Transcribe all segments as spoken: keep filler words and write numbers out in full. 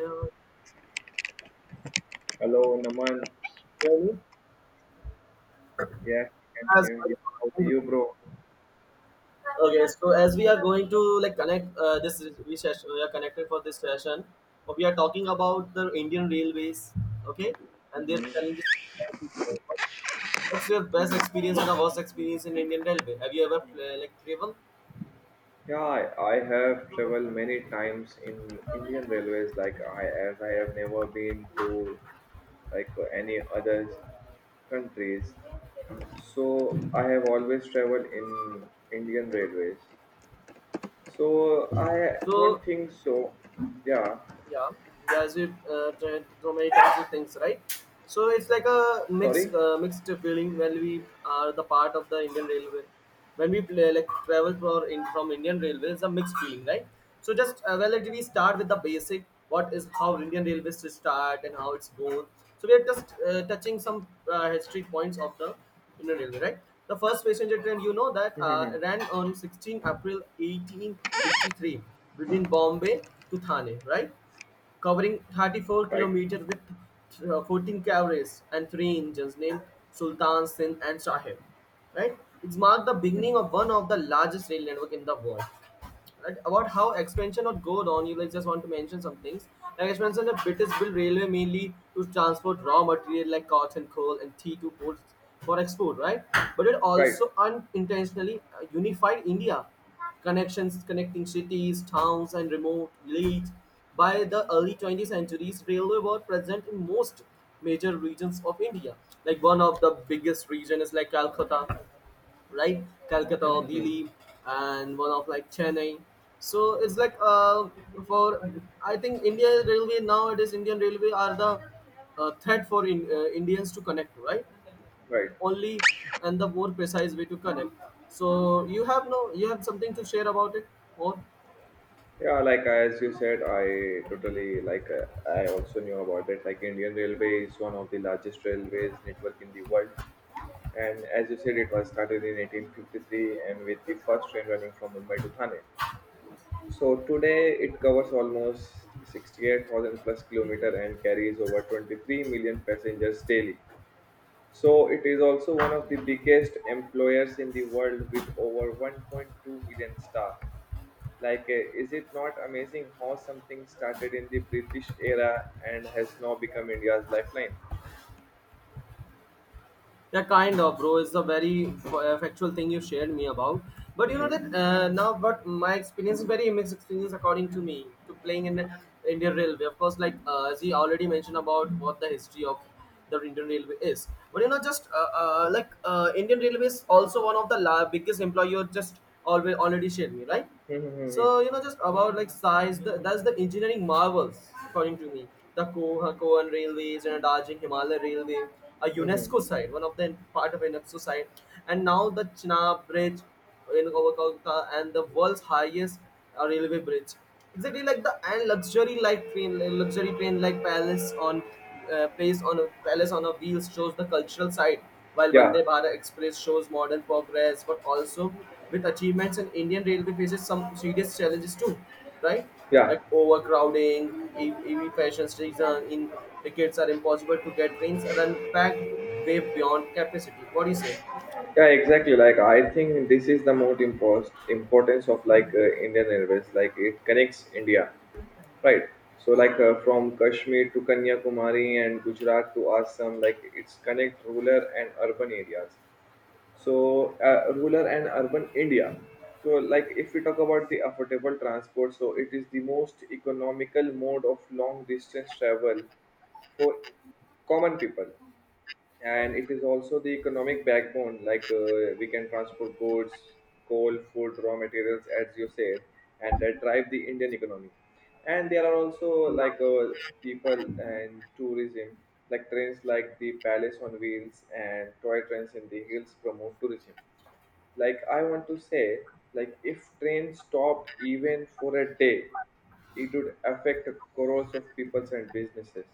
Hear Hello, Naman. me? Yes, I can As hear you. How are well. you, bro? Okay, so as we are going to like connect uh, this we session, we are connected for this session. But We are talking about the Indian railways, okay, and their Mm-hmm. challenges. What's your best hmm experience and the worst experience in Indian railway? Have you ever uh, like traveled? Yeah, I, I have traveled many times in Indian railways. Like I, as I have never been to like any other countries, so I have always traveled in Indian railways. So I So don't think so. Yeah. yeah as we uh, tried so many traumatized the things, right? So it's like a mixed Sorry. uh, mixed feeling when we are the part of the Indian railway. When we play, like travel for in, from Indian railway, it's a mixed feeling, right? So just uh, well let we start with the basic, what is how Indian railways to start and how it's going. So we are just uh, touching some uh, history points of the Indian railway, right? The first passenger train, you know, that uh, Mm-hmm. ran on sixteenth april eighteen fifty-three between bombay to thane, right? Covering thirty-four Right. kilometers with uh, fourteen carriages and three engines named Sultan, Sindh and Sahib. Right? It's marked the beginning of one of the largest rail network in the world. Right, about how expansion would go on, you like just want to mention some things. Like expansion, the British built railway mainly to transport raw material like cotton, coal, and tea to ports for export, right? But it Right. also unintentionally uh, unified India. Connections connecting cities, towns, and remote villages. By the early twentieth centuries, railway were present in most major regions of India. Like one of the biggest region is like Calcutta, right? Calcutta or Mm-hmm. Delhi, and one of like Chennai. So it's like uh, for I think India Railway nowadays Indian Railway are the uh, threat for in, uh, Indians to connect, right? Right. Only, and the more precise way to connect. So you have no, you have something to share about it more? Yeah, like as you said, I totally like uh, I also knew about it. Like Indian Railway is one of the largest railways network in the world, and as you said, it was started in eighteen fifty-three and with the first train running from Mumbai to Thane. So today it covers almost sixty-eight thousand plus kilometer and carries over twenty-three million passengers daily. So it is also one of the biggest employers in the world with over one point two million staff like, uh, is it not amazing how something started in the British era and has now become India's lifeline? Yeah, kind of, bro. Is the very f- uh, factual thing you shared me about. But you know hmm that uh, now, but my experience is very mixed experience, according to me, to playing in the Indian railway, of course. Like uh, as he already mentioned about what the history of the Indian railway is. But you know, just uh, uh, like uh, Indian railway is also one of the la- biggest employer, just always already shared me, right? hmm So you know, just about like size, the, that's the engineering marvels according to me. The Ko- Kohan Railways and Darjeeling Himalayan Railway, a hmm UNESCO site, one of the part of UNESCO site, and now the Chenab Bridge in over Kolkata and the world's highest uh, railway bridge, exactly. Like the and luxury like train, like luxury train like palace on uh, place on a palace on a wheels, shows the cultural side, while Yeah, Vande Bharat Express shows modern progress. But also with achievements, and Indian railway faces some serious challenges too, right? yeah, Like overcrowding, E V ev fashion season in, tickets are impossible to get, trains are unpacked way beyond capacity. What do you say? yeah, exactly. Like, I think this is the most impost importance of like uh, Indian Airways. Like, it connects India, right? So, like uh, from Kashmir to Kanyakumari and Gujarat to Assam, like it's connect rural and urban areas, so uh, rural and urban India. So like if we talk about the affordable transport, so it is the most economical mode of long distance travel for common people. And it is also the economic backbone, like uh, we can transport goods, coal, food, raw materials, as you said, and that drive the Indian economy. And there are also Yeah. like uh, people and tourism, like trains like the palace on wheels and toy trains in the hills promote tourism. Like I want to say, like if train stopped even for a day, it would affect crores of people and businesses.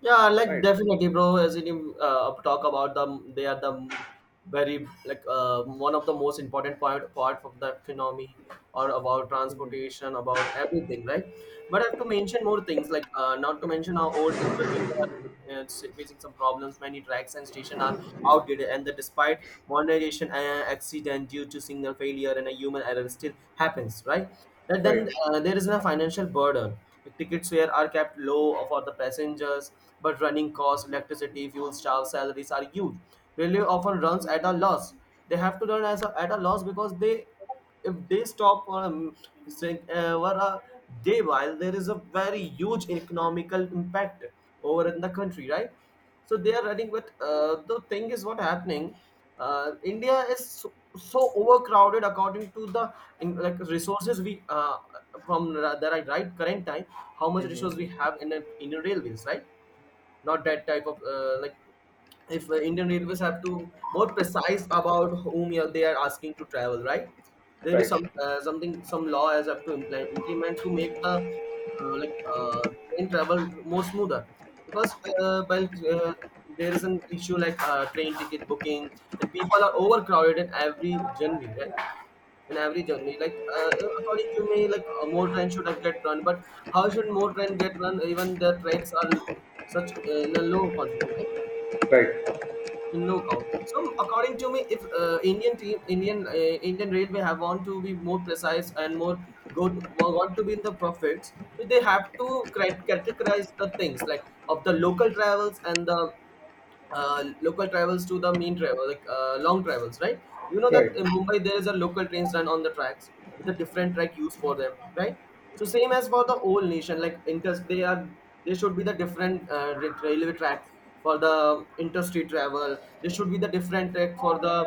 Yeah, like Right. definitely, bro. As you uh, talk about them, they are the very like uh, one of the most important part part of the economy, or about transportation, about everything, right? But I have to mention more things. Like uh, not to mention how old infrastructure are uh, facing some problems. Many tracks and stations are outdated, and the despite modernization, uh, accident due to signal failure and a human error still happens, right? And Right. then uh, there is a financial burden. The tickets were are kept low for the passengers, but running costs, electricity, fuel, staff salaries are huge. Railway often runs at a loss. They have to run as a, at a loss because they, if they stop for um, saying, uh, for a day, while there is a very huge economical impact over in the country, right? So they are running with uh, the thing is what happening. Uh, india is so, so overcrowded according to the in, like resources we uh, from the right, right current time. How much resource we hmm have in a, in a railways, right? Not that type of uh, like, if uh, Indian Railways have to more precise about whom you they are asking to travel, right? There is some right. uh, something, some law has have to implement, implement to make the uh, like uh, train travel more smoother. Because uh, well uh, there is an issue like uh, train ticket booking, and people are overcrowded in every journey, right? In every journey, like uh, according to me, like uh, more train should have get run. But how should more train get run, even the tracks are such uh, in a low quantity, right? Right. In no count. So according to me, if uh, Indian team, Indian uh, Indian Railway have want to be more precise and more good, want to be in the profits, so they have to crit- categorize the things, like of the local travels and the uh, local travels to the main travel, like uh, long travels, right? You know that Right, in Mumbai there is a local trains run on the tracks with a different track used for them, right? So same as for the whole nation, like inter, they are there should be the different uh, ra- railway tracks for the interstate travel. There should be the different track for the uh,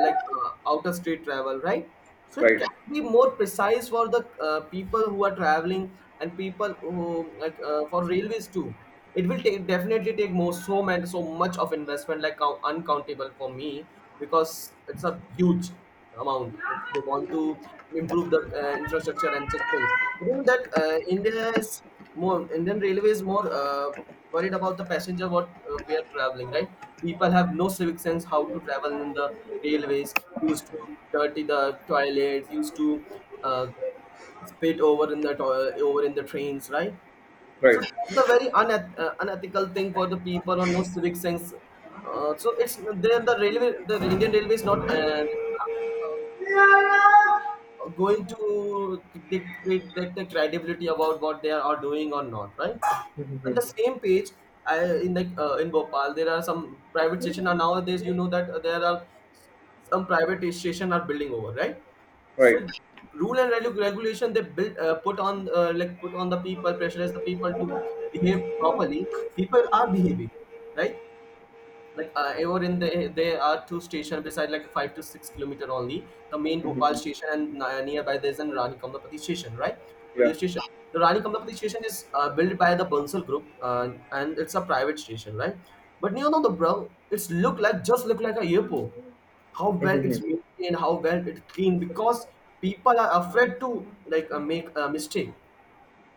like uh, outer state travel, right? So it can right, be more precise for the uh, people who are traveling, and people who like uh, for railways too. It will take definitely take more so much so much of investment, like count, uncountable for me, because it's a huge amount, if they want to improve the uh, infrastructure and such things. You know that uh, India is more, Indian Railway is more uh, worried about the passenger what uh, we are traveling, right? People have no civic sense how to travel in the railways. Used to dirty the toilets. Used to uh, spit over in the to- over in the trains, right? So right, that's the very uneth- uh, unethical thing for the people, or no civic sense. Uh, so it's then the railway, the Indian Railway is not uh, going to dictate that the credibility about what they are doing or not, right? On the same page, I in like uh, in Bhopal, there are some private station. And nowadays, you know that there are some private station are building over, right? right. So rule and regu- regulation they built uh, put on uh, like put on the people, pressurize the people to behave properly. People are behaving, right? Like uh, over in the, there are two stations beside like five to six kilometer only, the main Bhopal Mm-hmm. station and uh, nearby there's an Rani Kamlapati station, right? Railway Yeah. station. The Rani Kamlapati station is uh, built by the Bansal group, uh, and it's a private station, right? But you know, the bro, it's look like, just look like a airport, how well it's Mm-hmm. maintained, how well it's clean, because people are afraid to like uh, make a mistake,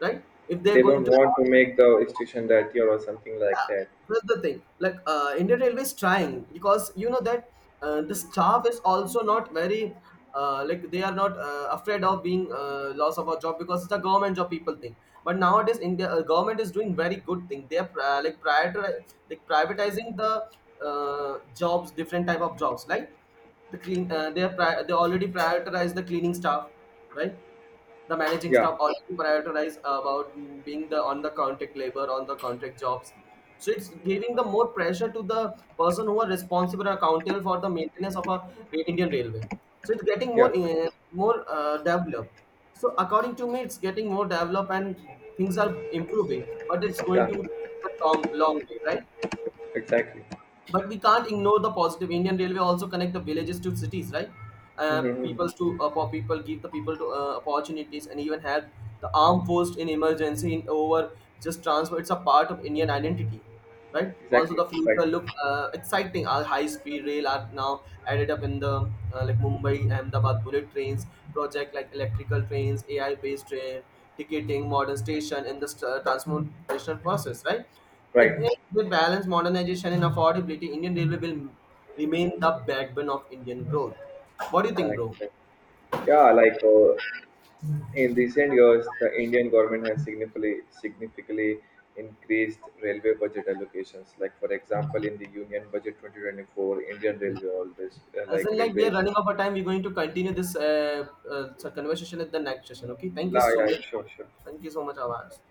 right? If they're They going don't to, want to make the station that year or something like that. that's the thing, like uh, Indian railway is trying. Because you know that uh, the staff is also not very uh, like, they are not uh, afraid of being uh, loss of a job, because it's a government job people think. But nowadays India uh, government is doing very good thing. They are pri- uh, like prior like privatizing the uh, jobs, different type of jobs, like the clean uh, they are pri- they already prioritize the cleaning staff, right? The managing Yeah, staff, already prioritize about mm, being the on the contract labor, on the contract jobs. So it's giving the more pressure to the person who are responsible and accountable for the maintenance of a Ra- indian railway. So it's getting more yeah, uh, more uh, developed. So according to me, it's getting more developed, and things are improving, but it's going yeah. to take a long long way, right? Exactly. But we can't ignore the positive, Indian railway also connect the villages to cities, right? uh, Mm-hmm. Peoples to uh, po- people, give the people to uh, opportunities, and even help the armed force in emergency in over just transfer. It's a part of Indian identity, right? Also Exactly. the Right, future look uh, exciting, our high speed rail are now added up in the uh, like Mumbai Ahmedabad bullet trains project, like electrical trains, AI based train ticketing, modern station, and the st- uh, transportation process, right? It right. needs to balance modernization and affordability. Indian Railway will remain the backbone of Indian growth. What do you think, Correct. bro? Correct. Yeah, like uh, in recent years, the Indian government has significantly, significantly increased railway budget allocations. Like for example, in the Union Budget twenty twenty-four, Indian Okay. Railway always uh, As like in, like, we are railways. running out of time. We're going to continue this uh, uh, conversation at the next session. Okay. Thank you La, so yeah, much. sure, sure. Thank you so much, Avaz.